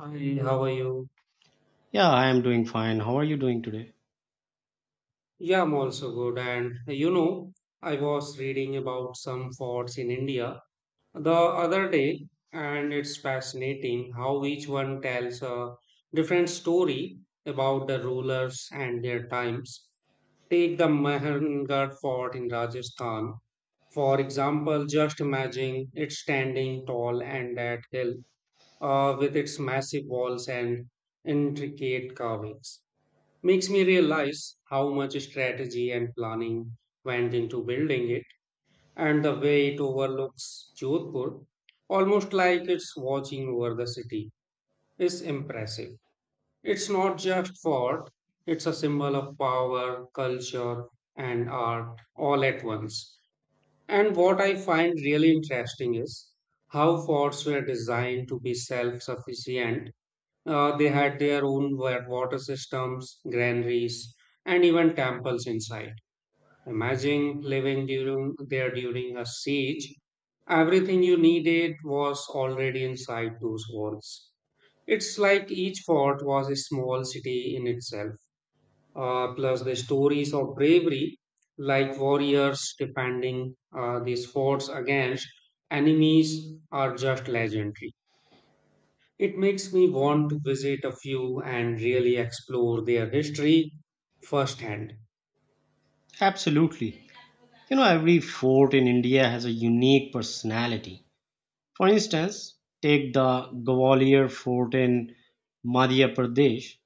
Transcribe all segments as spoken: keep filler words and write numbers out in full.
Hi, how are you? Yeah, I am doing fine. How are you doing today? Yeah, I'm also good. And you know, I was reading about some forts in India the other day, and it's fascinating how each one tells a different story about the rulers and their times. Take the Mahangarh Fort in Rajasthan, for example, just imagine it standing tall and that hill, uh, with its massive walls and intricate carvings. Makes me realize how much strategy and planning went into building it and the way it overlooks Jodhpur, almost like it's watching over the city, is impressive. It's not just fort, it's a symbol of power, culture, and art all at once. And what I find really interesting is how forts were designed to be self sufficient. Uh, they had their own wa- water systems, granaries, and even temples inside. Imagine living during there during a siege. Everything you needed was already inside those walls. It's like each fort was a small city in itself. Uh, plus the stories of bravery, like warriors defending uh, these forts against enemies, are just legendary. It makes me want to visit a few and really explore their history firsthand. Absolutely. You know, every fort in India has a unique personality. For instance, take the Gwalior Fort in Madhya Pradesh.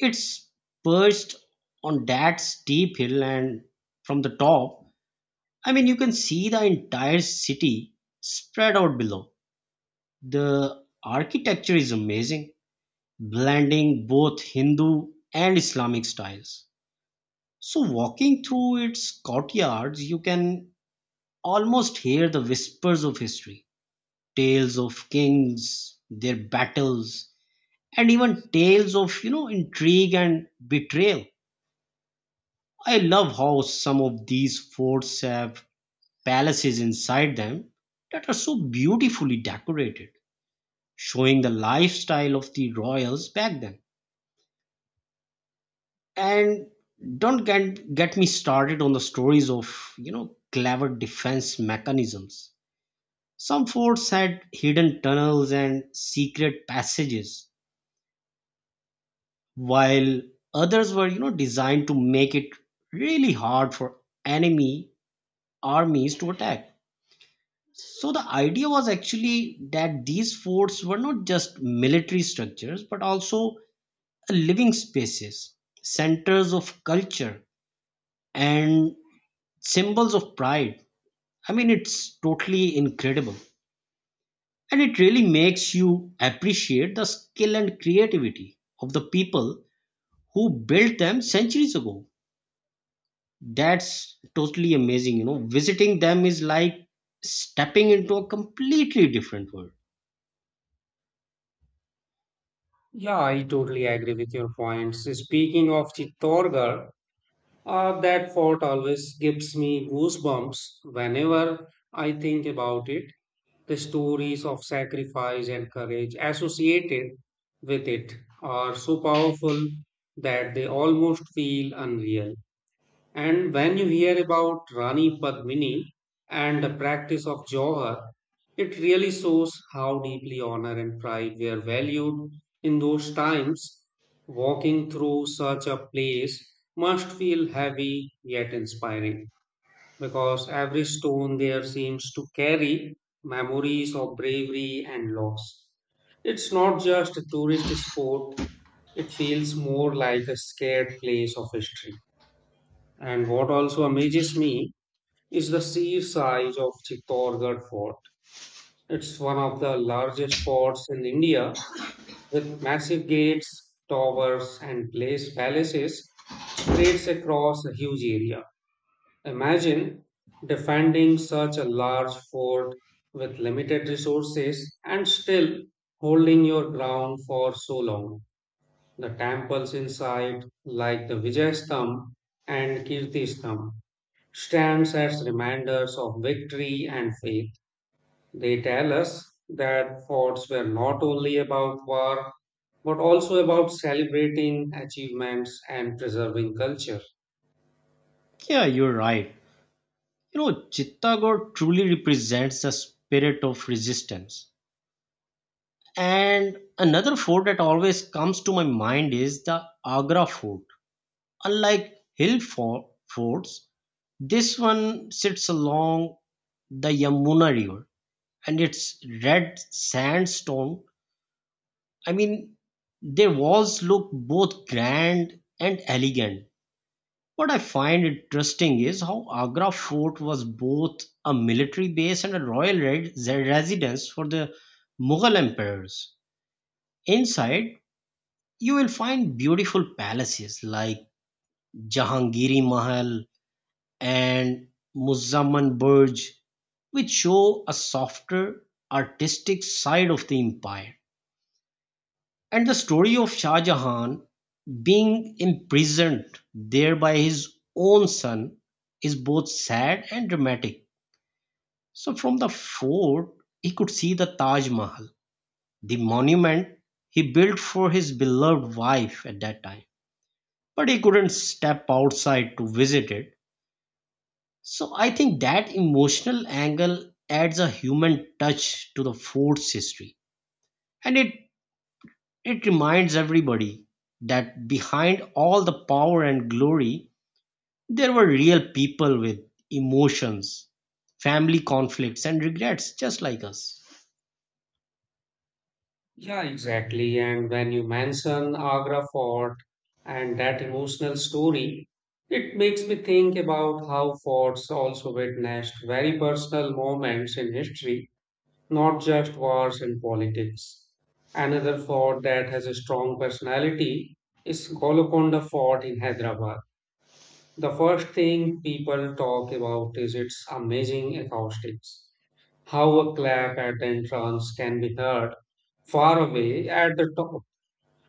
It's perched on that steep hill, and from the top, I mean, you can see the entire city spread out below. The architecture is amazing, blending both Hindu and Islamic styles. So, walking through its courtyards, you can almost hear the whispers of history, tales of kings, their battles, and even tales of, you know, intrigue and betrayal. I love how some of these forts have palaces inside them that are so beautifully decorated, showing the lifestyle of the royals back then. And don't get, get me started on the stories of, you know, clever defense mechanisms. Some forts had hidden tunnels and secret passages, while others were, you know, designed to make it really hard for enemy armies to attack. So the idea was actually that these forts were not just military structures, but also living spaces, centers of culture, and symbols of pride. I mean, it's totally incredible, and it really makes you appreciate the skill and creativity of the people who built them centuries ago. That's totally amazing, you know, visiting them is like stepping into a completely different world. Yeah, I totally agree with your points. Speaking of Chittorgarh, uh, that fort always gives me goosebumps whenever I think about it. The stories of sacrifice and courage associated with it are so powerful that they almost feel unreal. And when you hear about Rani Padmini and the practice of Jauhar, it really shows how deeply honor and pride were valued in those times. Walking through such a place must feel heavy yet inspiring because every stone there seems to carry memories of bravery and loss. It's not just a tourist spot, it feels more like a scared place of history. And what also amazes me is the sheer size of Chittorgarh Fort. It's one of the largest forts in India, with massive gates, towers, and place palaces spreads across a huge area. Imagine defending such a large fort with limited resources and still holding your ground for so long. The temples inside, like the Vijay Stamp and Kirti Stamp, stands as reminders of victory and faith. They tell us that forts were not only about war, but also about celebrating achievements and preserving culture. Yeah, you're right. You know, Chittagong truly represents the spirit of resistance, and another fort that always comes to my mind is the Agra Fort. Unlike hill for- forts, this one sits along the Yamuna River, and its red sandstone. I mean, their walls look both grand and elegant. What I find interesting is how Agra Fort was both a military base and a royal re- residence for the Mughal emperors. Inside, you will find beautiful palaces like Jahangiri Mahal, and Muzammen Burj, which show a softer artistic side of the empire. And the story of Shah Jahan being imprisoned there by his own son is both sad and dramatic. So, from the fort, he could see the Taj Mahal, the monument he built for his beloved wife at that time. But he couldn't step outside to visit it. So I think that emotional angle adds a human touch to the fort's history. And it, it reminds everybody that behind all the power and glory, there were real people with emotions, family conflicts, and regrets just like us. Yeah, exactly. And when you mention Agra Fort and that emotional story, it makes me think about how forts also witnessed very personal moments in history, not just wars and politics. Another fort that has a strong personality is Golconda Fort in Hyderabad. The first thing people talk about is its amazing acoustics. How a clap at the entrance can be heard far away at the top,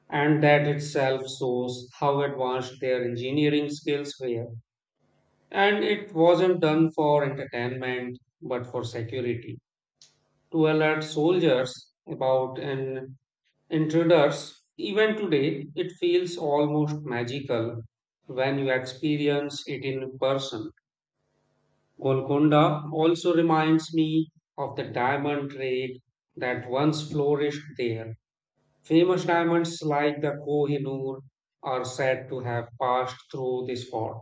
and that itself shows how advanced their engineering skills were. And it wasn't done for entertainment but for security to alert soldiers about an intruders, even today, it feels almost magical when you experience it in person. Golconda also reminds me of the diamond trade that once flourished there. Famous diamonds like the Kohinoor are said to have passed through this fort.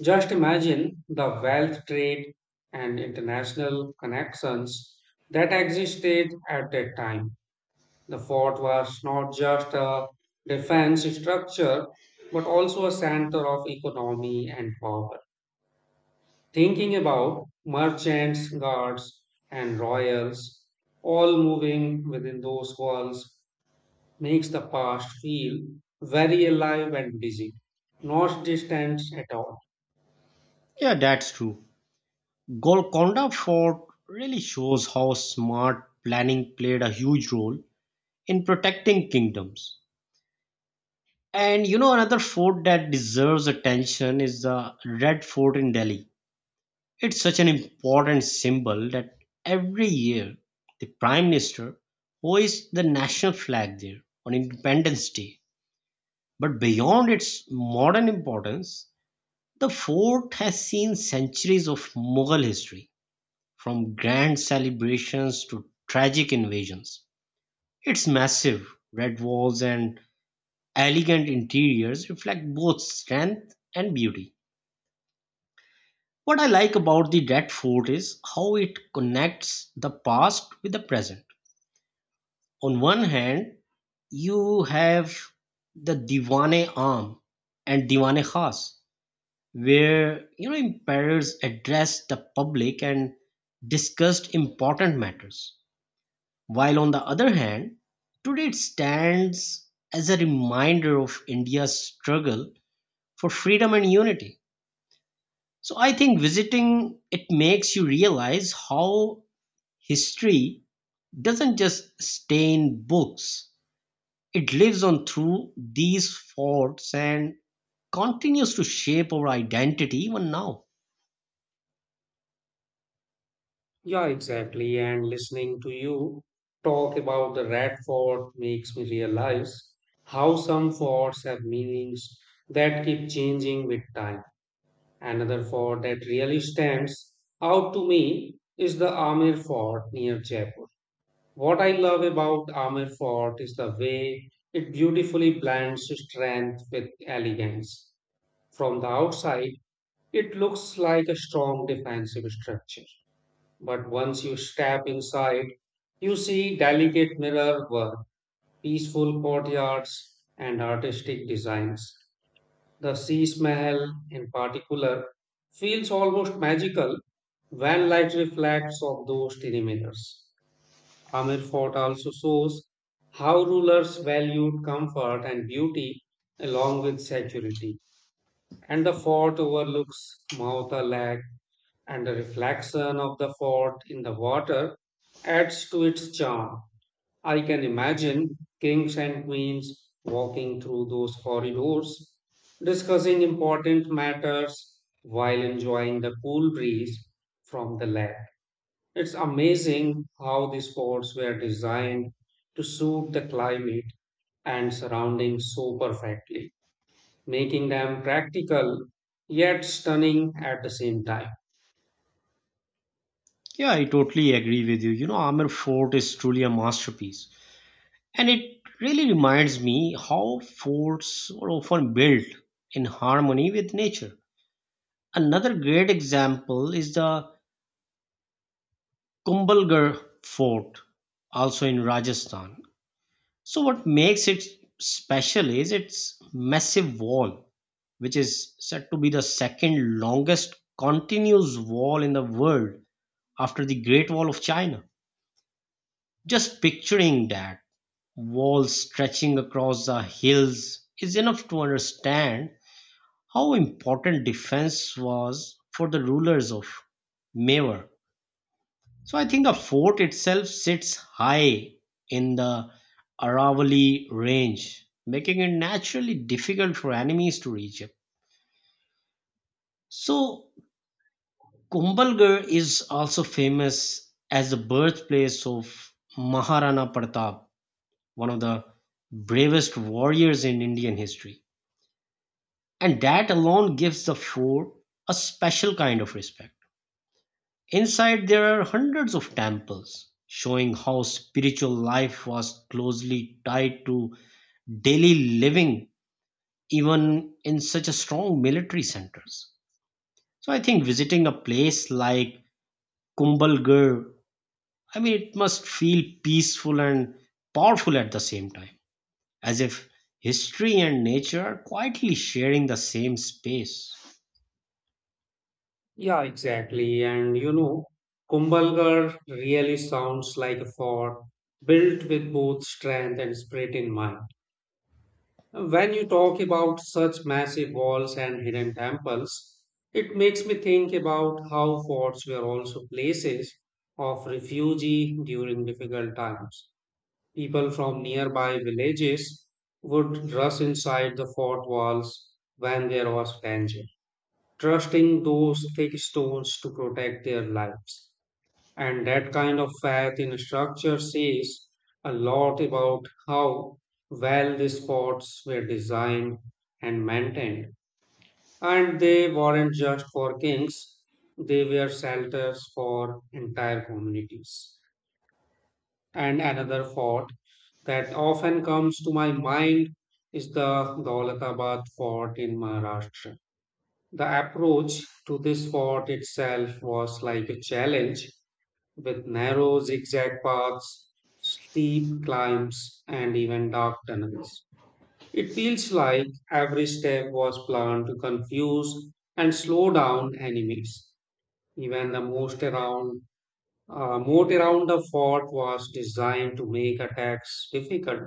Just imagine the wealth trade and international connections that existed at that time. The fort was not just a defense structure, but also a center of economy and power. Thinking about merchants, guards, and royals all moving within those walls makes the past feel very alive and busy, not distant at all. Yeah, that's true. Golconda Fort really shows how smart planning played a huge role in protecting kingdoms. And you know, another fort that deserves attention is the Red Fort in Delhi. It's such an important symbol that every year the Prime Minister hoists the national flag there on Independence Day. But beyond its modern importance, the fort has seen centuries of Mughal history, from grand celebrations to tragic invasions. Its massive red walls and elegant interiors reflect both strength and beauty. What I like about the Red Fort is how it connects the past with the present. On one hand, you have the Diwane aam and Diwane Khas, where you know emperors addressed the public and discussed important matters. While on the other hand, today it stands as a reminder of India's struggle for freedom and unity. So I think visiting it makes you realize how history doesn't just stay in books, it lives on through these forts and continues to shape our identity even now. Yeah, exactly. And listening to you talk about the rat fort makes me realize how some forts have meanings that keep changing with time. Another fort that really stands out to me is the Amir Fort near Jaipur. What I love about Amir Fort is the way it beautifully blends strength with elegance. From the outside, it looks like a strong defensive structure, but once you step inside, you see delicate mirror work, peaceful courtyards, and artistic designs. The Sis Mahal, in particular, feels almost magical when light reflects off those perimeters. Amir Fort also shows how rulers valued comfort and beauty along with security. And the fort overlooks Mauta Lake, and the reflection of the fort in the water adds to its charm. I can imagine kings and queens walking through those corridors, discussing important matters while enjoying the cool breeze from the lake. It's amazing how these forts were designed to suit the climate and surroundings so perfectly, making them practical yet stunning at the same time. Yeah, I totally agree with you. You know, Amir Fort is truly a masterpiece. And it really reminds me how forts were often built in harmony with nature. Another great example is the Kumbhalgarh Fort, also in Rajasthan. So what makes it special is its massive wall, which is said to be the second longest continuous wall in the world after the Great Wall of China. Just picturing that wall stretching across the hills is enough to understand how important defense was for the rulers of Mewar. So I think the fort itself sits high in the Aravalli range, making it naturally difficult for enemies to reach it. So Kumbhalgarh is also famous as the birthplace of Maharana Pratap, one of the bravest warriors in Indian history. And that alone gives the fort a special kind of respect. Inside there are hundreds of temples, showing how spiritual life was closely tied to daily living even in such a strong military centers. So I think visiting a place like Kumbalgarh, I mean it must feel peaceful and powerful at the same time, as if history and nature are quietly sharing the same space. Yeah, exactly. And you know, Kumbhalgarh really sounds like a fort built with both strength and spirit in mind. When you talk about such massive walls and hidden temples, it makes me think about how forts were also places of refuge during difficult times. People from nearby villages would rush inside the fort walls when there was danger, trusting those thick stones to protect their lives. And that kind of faith in structure says a lot about how well these forts were designed and maintained. And they weren't just for kings, they were shelters for entire communities. And another fort that often comes to my mind is the Dawlatabad fort in Maharashtra. The approach to this fort itself was like a challenge with narrow zigzag paths, steep climbs, and even dark tunnels. It feels like every step was planned to confuse and slow down enemies. Even the most around, uh, moat around the fort was designed to make attacks difficult.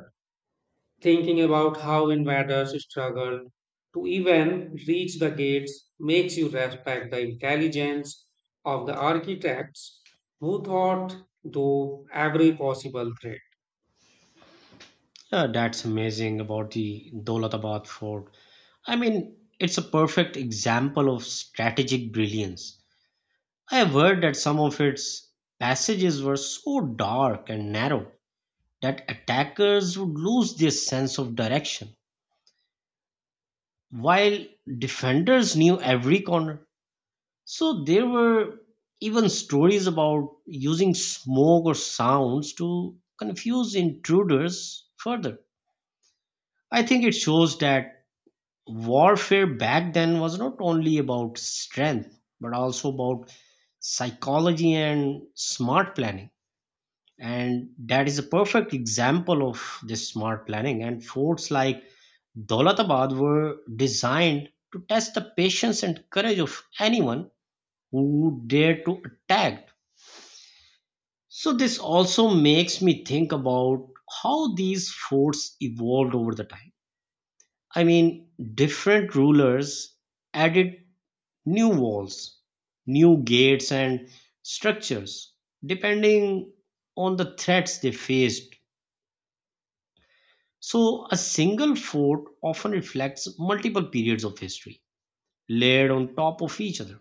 Thinking about how invaders struggled to even reach the gates makes you respect the intelligence of the architects who thought through every possible threat. Yeah, that's amazing about the Dolatabad Fort. I mean, it's a perfect example of strategic brilliance. I have heard that some of its passages were so dark and narrow that attackers would lose their sense of direction, while defenders knew every corner. So there were even stories about using smoke or sounds to confuse intruders further. I think it shows that warfare back then was not only about strength but also about psychology and smart planning, and that is a perfect example of this smart planning, and forts like Dolatabad were designed to test the patience and courage of anyone who dared to attack. So this also makes me think about how these forts evolved over the time. I mean different rulers added new walls, new gates and structures depending on the threats they faced. So, a single fort often reflects multiple periods of history layered on top of each other.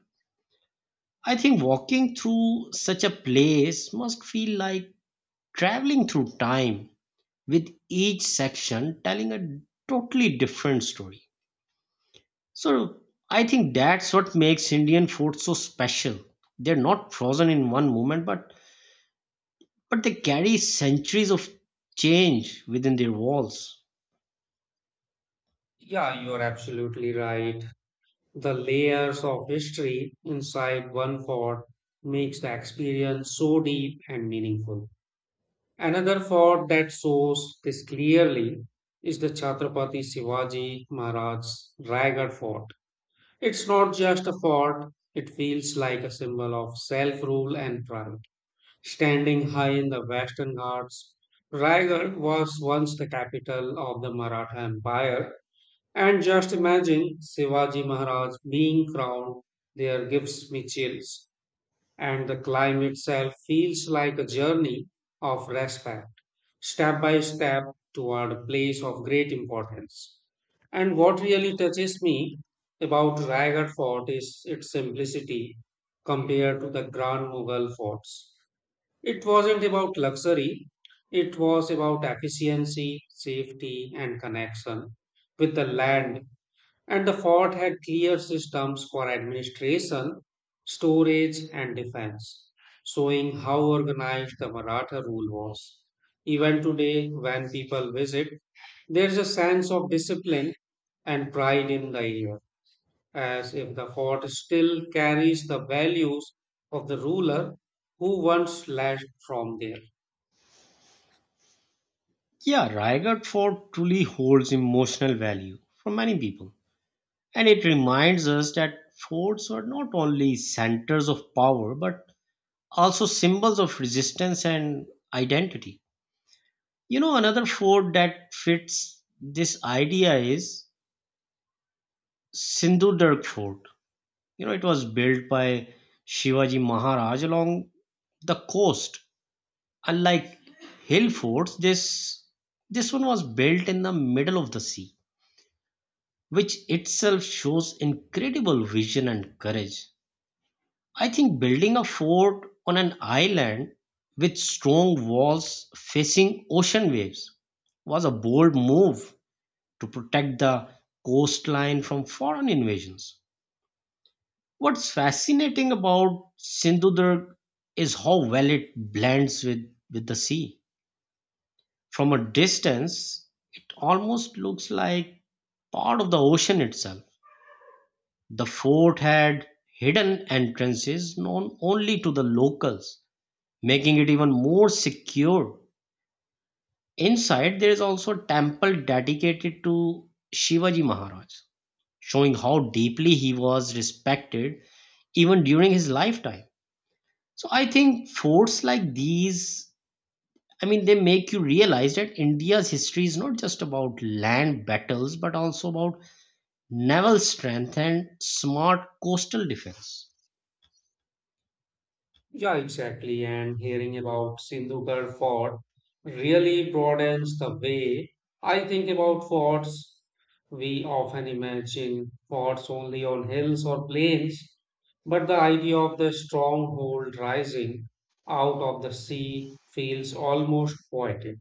I think walking through such a place must feel like traveling through time, with each section telling a totally different story. So, I think that's what makes Indian forts so special. They're not frozen in one moment, but but they carry centuries of change within their walls. Yeah, you are absolutely right. The layers of history inside one fort makes the experience so deep and meaningful. Another fort that shows this clearly is the Chhatrapati Shivaji Maharaj's Raigad Fort. It's not just a fort, it feels like a symbol of self rule and pride. Standing high in the Western Ghats, Raigad was once the capital of the Maratha Empire. And just imagine Shivaji Maharaj being crowned there gives me chills, and the climb itself feels like a journey of respect, step by step toward a place of great importance. And what really touches me about Raigad Fort is its simplicity compared to the Grand Mughal forts. It wasn't about luxury, it was about efficiency, safety, and connection with the land, and the fort had clear systems for administration, storage, and defense, showing how organized the Maratha rule was. Even today, when people visit, there's a sense of discipline and pride in the area, as if the fort still carries the values of the ruler who once led from there. Yeah, Raigad Fort truly holds emotional value for many people, and it reminds us that forts are not only centers of power but also symbols of resistance and identity. You know, another fort that fits this idea is Sindhudurg Fort. You know, it was built by Shivaji Maharaj along the coast. Unlike hill forts, this this one was built in the middle of the sea, which itself shows incredible vision and courage. I think building a fort on an island with strong walls facing ocean waves was a bold move to protect the coastline from foreign invasions. What's fascinating about Sindhudurg is how well it blends with, with the sea. From a distance, it almost looks like part of the ocean itself. The fort had hidden entrances known only to the locals, making it even more secure. Inside, there is also a temple dedicated to Shivaji Maharaj, showing how deeply he was respected even during his lifetime. So I think forts like these, I mean, they make you realize that India's history is not just about land battles, but also about naval strength and smart coastal defense. Yeah, exactly. And hearing about Sindhukar Fort really broadens the way I think about forts. We often imagine forts only on hills or plains, but the idea of the stronghold rising out of the sea feels almost poetic.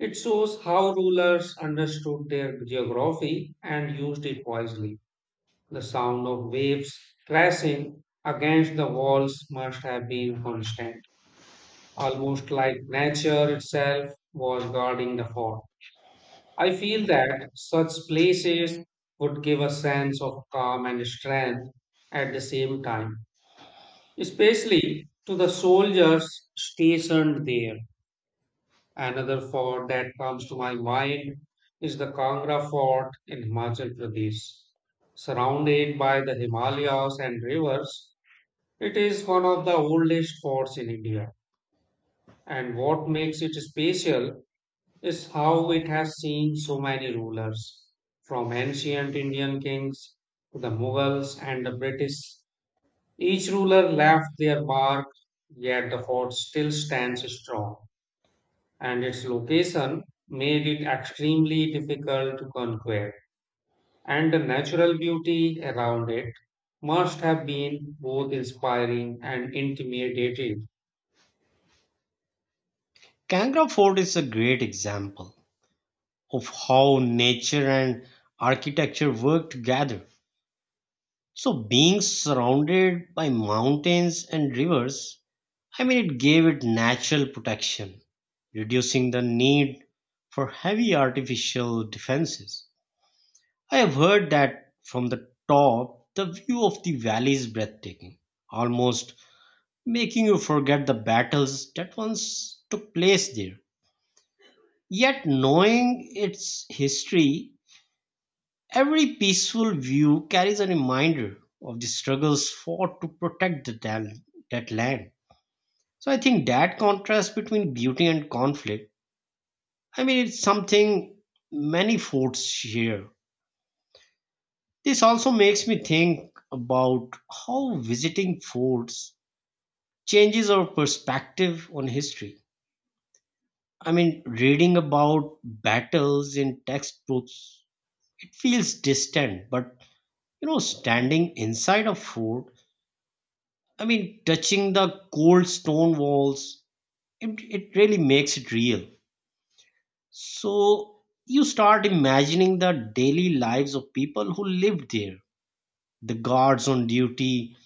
It shows how rulers understood their geography and used it wisely. The sound of waves crashing against the walls must have been constant, almost like nature itself was guarding the fort. I feel that such places would give a sense of calm and strength at the same time, especially to the soldiers stationed there. Another fort that comes to my mind is the Kangra Fort in Himachal Pradesh. Surrounded by the Himalayas and rivers, it is one of the oldest forts in India. And what makes it special is how it has seen so many rulers, from ancient Indian kings to the Mughals and the British. Each ruler left their mark, yet the fort still stands strong, and its location made it extremely difficult to conquer. And the natural beauty around it must have been both inspiring and intimidating. Kangra Fort is a great example of how nature and architecture work together. So, being surrounded by mountains and rivers, I mean, it gave it natural protection, reducing the need for heavy artificial defenses. I have heard that from the top, the view of the valley is breathtaking, almost making you forget the battles that once took place there. Yet, knowing its history, every peaceful view carries a reminder of the struggles fought to protect the dal- that land. So, I think that contrast between beauty and conflict, I mean, it's something many forts share. This also makes me think about how visiting forts changes our perspective on history. I mean, reading about battles in textbooks, it feels distant, but you know, standing inside a fort, I mean, touching the cold stone walls, it, it really makes it real. So you start imagining the daily lives of people who lived there, the guards on duty,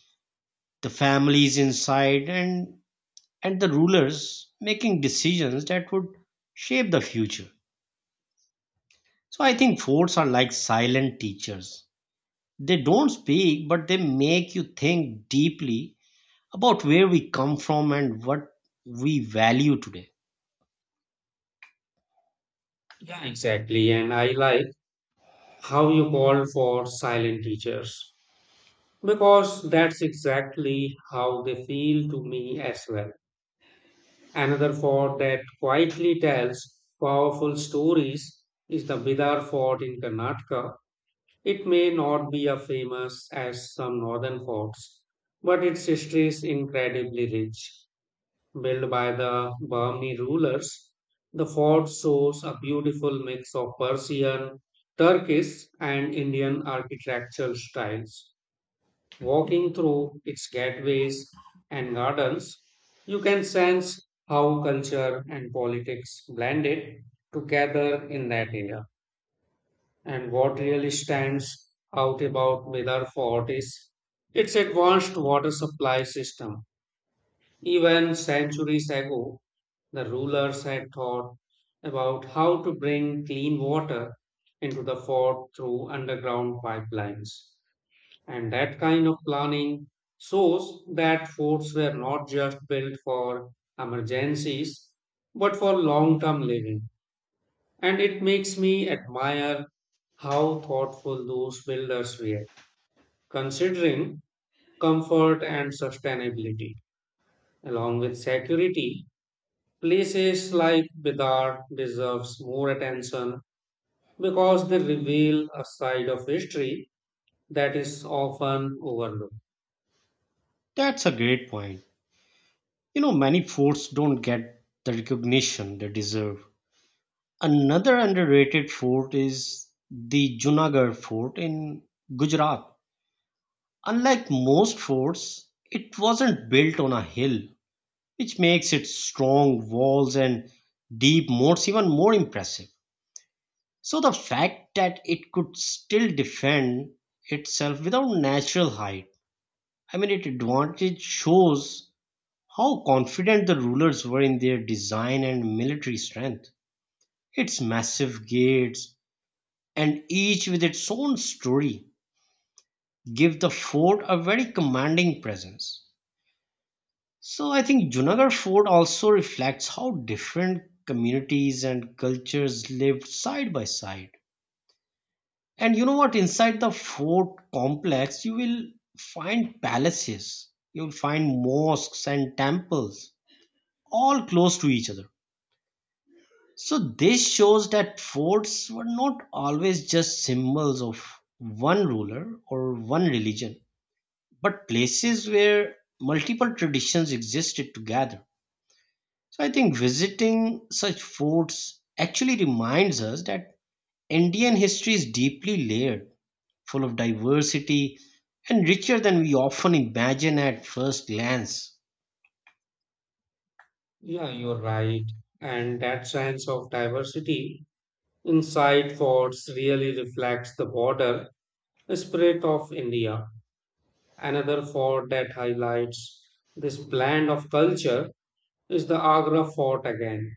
the families inside, and and the rulers making decisions that would shape the future. So I think forts are like silent teachers. They don't speak, but they make you think deeply about where we come from and what we value today. Yeah, exactly. And I like how you called for silent teachers, because that's exactly how they feel to me as well. Another fort that quietly tells powerful stories is the Bidar Fort in Karnataka. It may not be as famous as some northern forts, but its history is incredibly rich. Built by the Bahmani rulers, the fort shows a beautiful mix of Persian, Turkish, and Indian architectural styles. Walking through its gateways and gardens, you can sense how culture and politics blended together in that area. And what really stands out about Medar Fort is its advanced water supply system. Even centuries ago, the rulers had thought about how to bring clean water into the fort through underground pipelines. And that kind of planning shows that forts were not just built for emergencies, but for long term living. And it makes me admire how thoughtful those builders were, considering comfort and sustainability. Along with security, places like Bidar deserves more attention because they reveal a side of history that is often overlooked. That's a great point. You know, many forts don't get the recognition they deserve. Another underrated fort is the Junagarh Fort in Gujarat. Unlike most forts, it wasn't built on a hill, which makes its strong walls and deep moats even more impressive. So the fact that it could still defend itself without natural height, I mean, its advantage shows how confident the rulers were in their design and military strength. Its massive gates, and each with its own story, give the fort a very commanding presence. So I think Junagarh Fort also reflects how different communities and cultures lived side by side. And you know what? Inside the fort complex, you will find palaces, you'll find mosques and temples, all close to each other. So this shows that forts were not always just symbols of one ruler or one religion, but places where multiple traditions existed together. So I think visiting such forts actually reminds us that Indian history is deeply layered, full of diversity, and richer than we often imagine at first glance. Yeah, you're right. And that sense of diversity inside forts really reflects the border spirit of India. Another fort that highlights this blend of culture is the Agra fort again.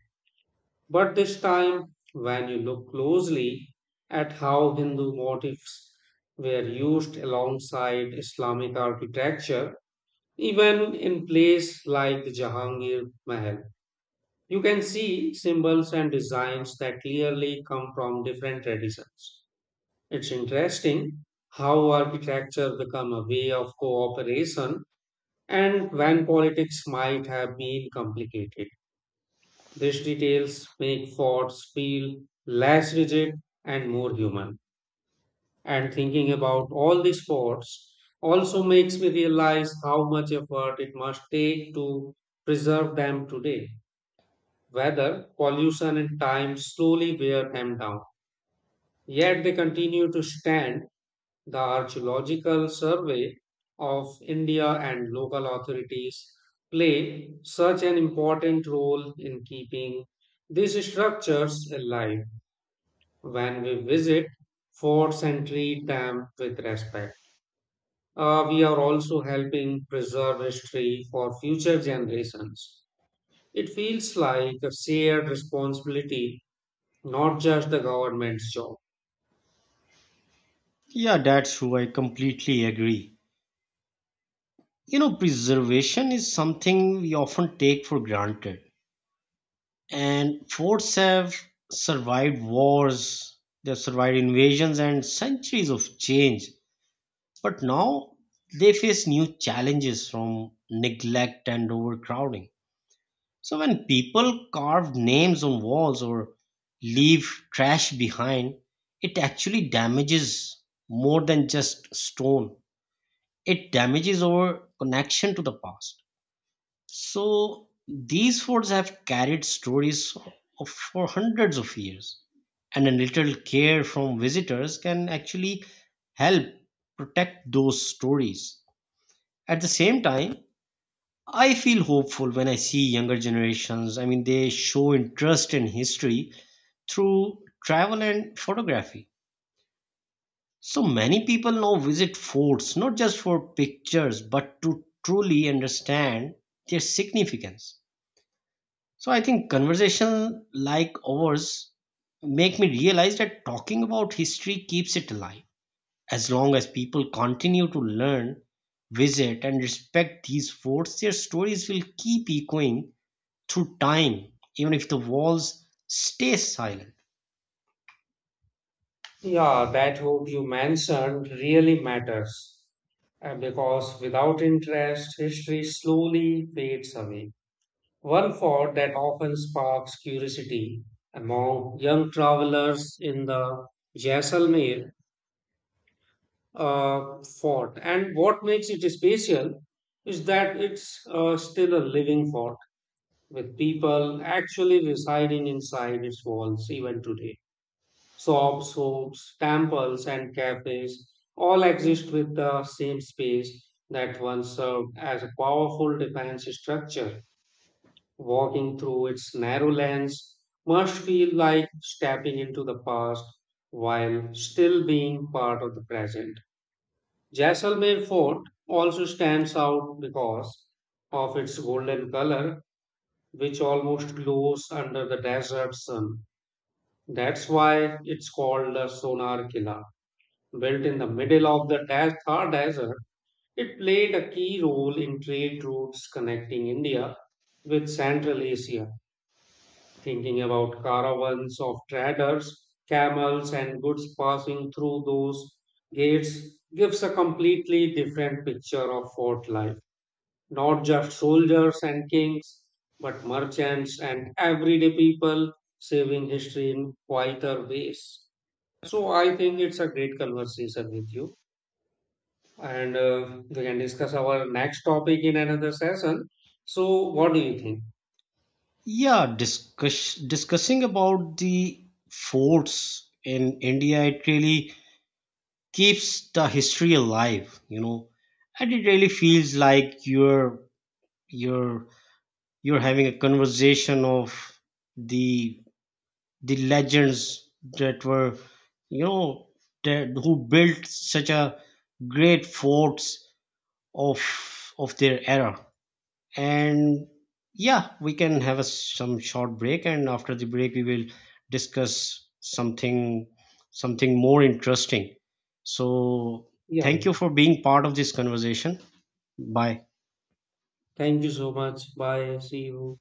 But this time, when you look closely at how Hindu motifs were used alongside Islamic architecture, even in place like the Jahangir Mahal. You can see symbols and designs that clearly come from different traditions. It's interesting how architecture become a way of cooperation and when politics might have been complicated. These details make forts feel less rigid and more human. And thinking about all these forts also makes me realize how much effort it must take to preserve them today. Whether pollution, and time slowly wear them down. Yet they continue to stand. The Archaeological Survey of India and local authorities play such an important role in keeping these structures alive. When we visit forts and treat them with respect, Uh, we are also helping preserve history for future generations. It feels like a shared responsibility, not just the government's job. Yeah, that's true. I completely agree. You know, preservation is something we often take for granted. And forts have survived wars, they've survived invasions and centuries of change. But now they face new challenges from neglect and overcrowding. So when people carve names on walls or leave trash behind, it actually damages more than just stone. It damages our connection to the past. So these forts have carried stories of, for hundreds of years, and a little care from visitors can actually help protect those stories. At the same time, I feel hopeful when I see younger generations. I mean, they show interest in history through travel and photography. So many people now visit forts not just for pictures but to truly understand their significance. So I think conversation like ours make me realize that talking about history keeps it alive. As long as people continue to learn, visit, and respect these forts, their stories will keep echoing through time, even if the walls stay silent. Yeah, that hope you mentioned really matters, uh, because without interest, history slowly fades away. One thought that often sparks curiosity among young travelers in the Jaisalmer uh, fort, and what makes it special is that it's uh, still a living fort with people actually residing inside its walls even today. Shops, shops, temples, and cafes all exist with the same space that once served as a powerful defense structure. Walking through its narrow lanes must feel like stepping into the past while still being part of the present. Jaisalmer Fort also stands out because of its golden color, which almost glows under the desert sun. That's why it's called the Sonar Killa. Built in the middle of the Thar Thar Desert, it played a key role in trade routes connecting India with Central Asia. Thinking about caravans of traders, camels, and goods passing through those gates gives a completely different picture of fort life. Not just soldiers and kings, but merchants and everyday people saving history in quieter ways. So I think it's a great conversation with you, and uh, we can discuss our next topic in another session. So, what do you think? Yeah, discuss, discussing about the forts in India, it really keeps the history alive, you know, and it really feels like you're you're you're having a conversation of the the legends that were, you know, that who built such a great forts of of their era. And yeah, we can have a some short break, and after the break we will discuss something something more interesting. So Yeah, thank you for being part of this conversation. Bye. thank you so much. Bye. See you.